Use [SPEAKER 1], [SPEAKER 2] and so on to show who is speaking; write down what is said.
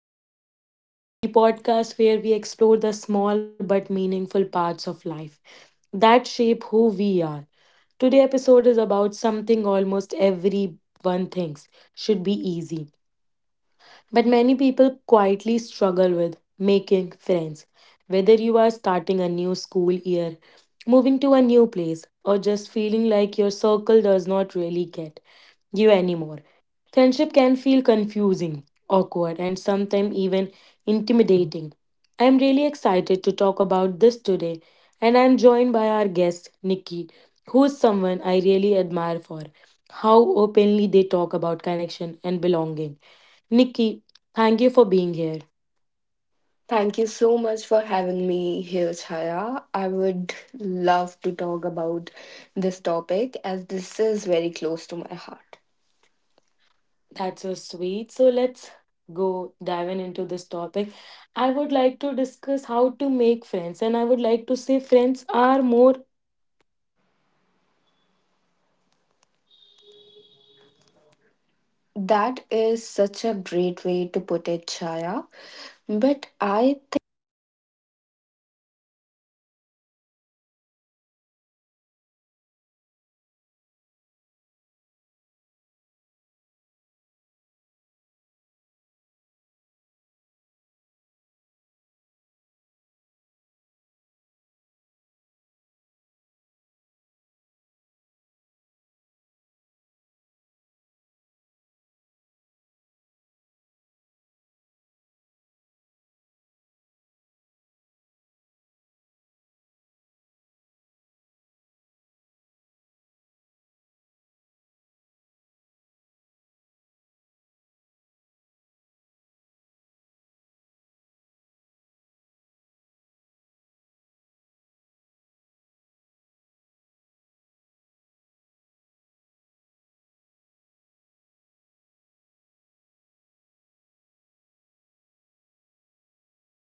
[SPEAKER 1] Talk, the podcast where we explore the small but meaningful parts of life that shape who we are. Today's episode is about something almost everyone thinks should be easy, but many people quietly struggle with making friends. Whether you are starting a new school year, moving to a new place, or just feeling like your circle does not really get you anymore, friendship can feel confusing, awkward, and sometimes even intimidating. I am really excited to talk about this today, and I am joined by our guest, Nikki, who is someone I really admire for how openly they talk about connection and belonging. Nikki, thank you for being here.
[SPEAKER 2] Thank you so much for having me here, Chaya. I would love to talk about this topic as this is very close to my heart.
[SPEAKER 1] That's so sweet. So let's go diving into this topic. I would like to discuss how to make friends, and I would like to say friends are more
[SPEAKER 2] That is such a great way to put it, Chaya. But I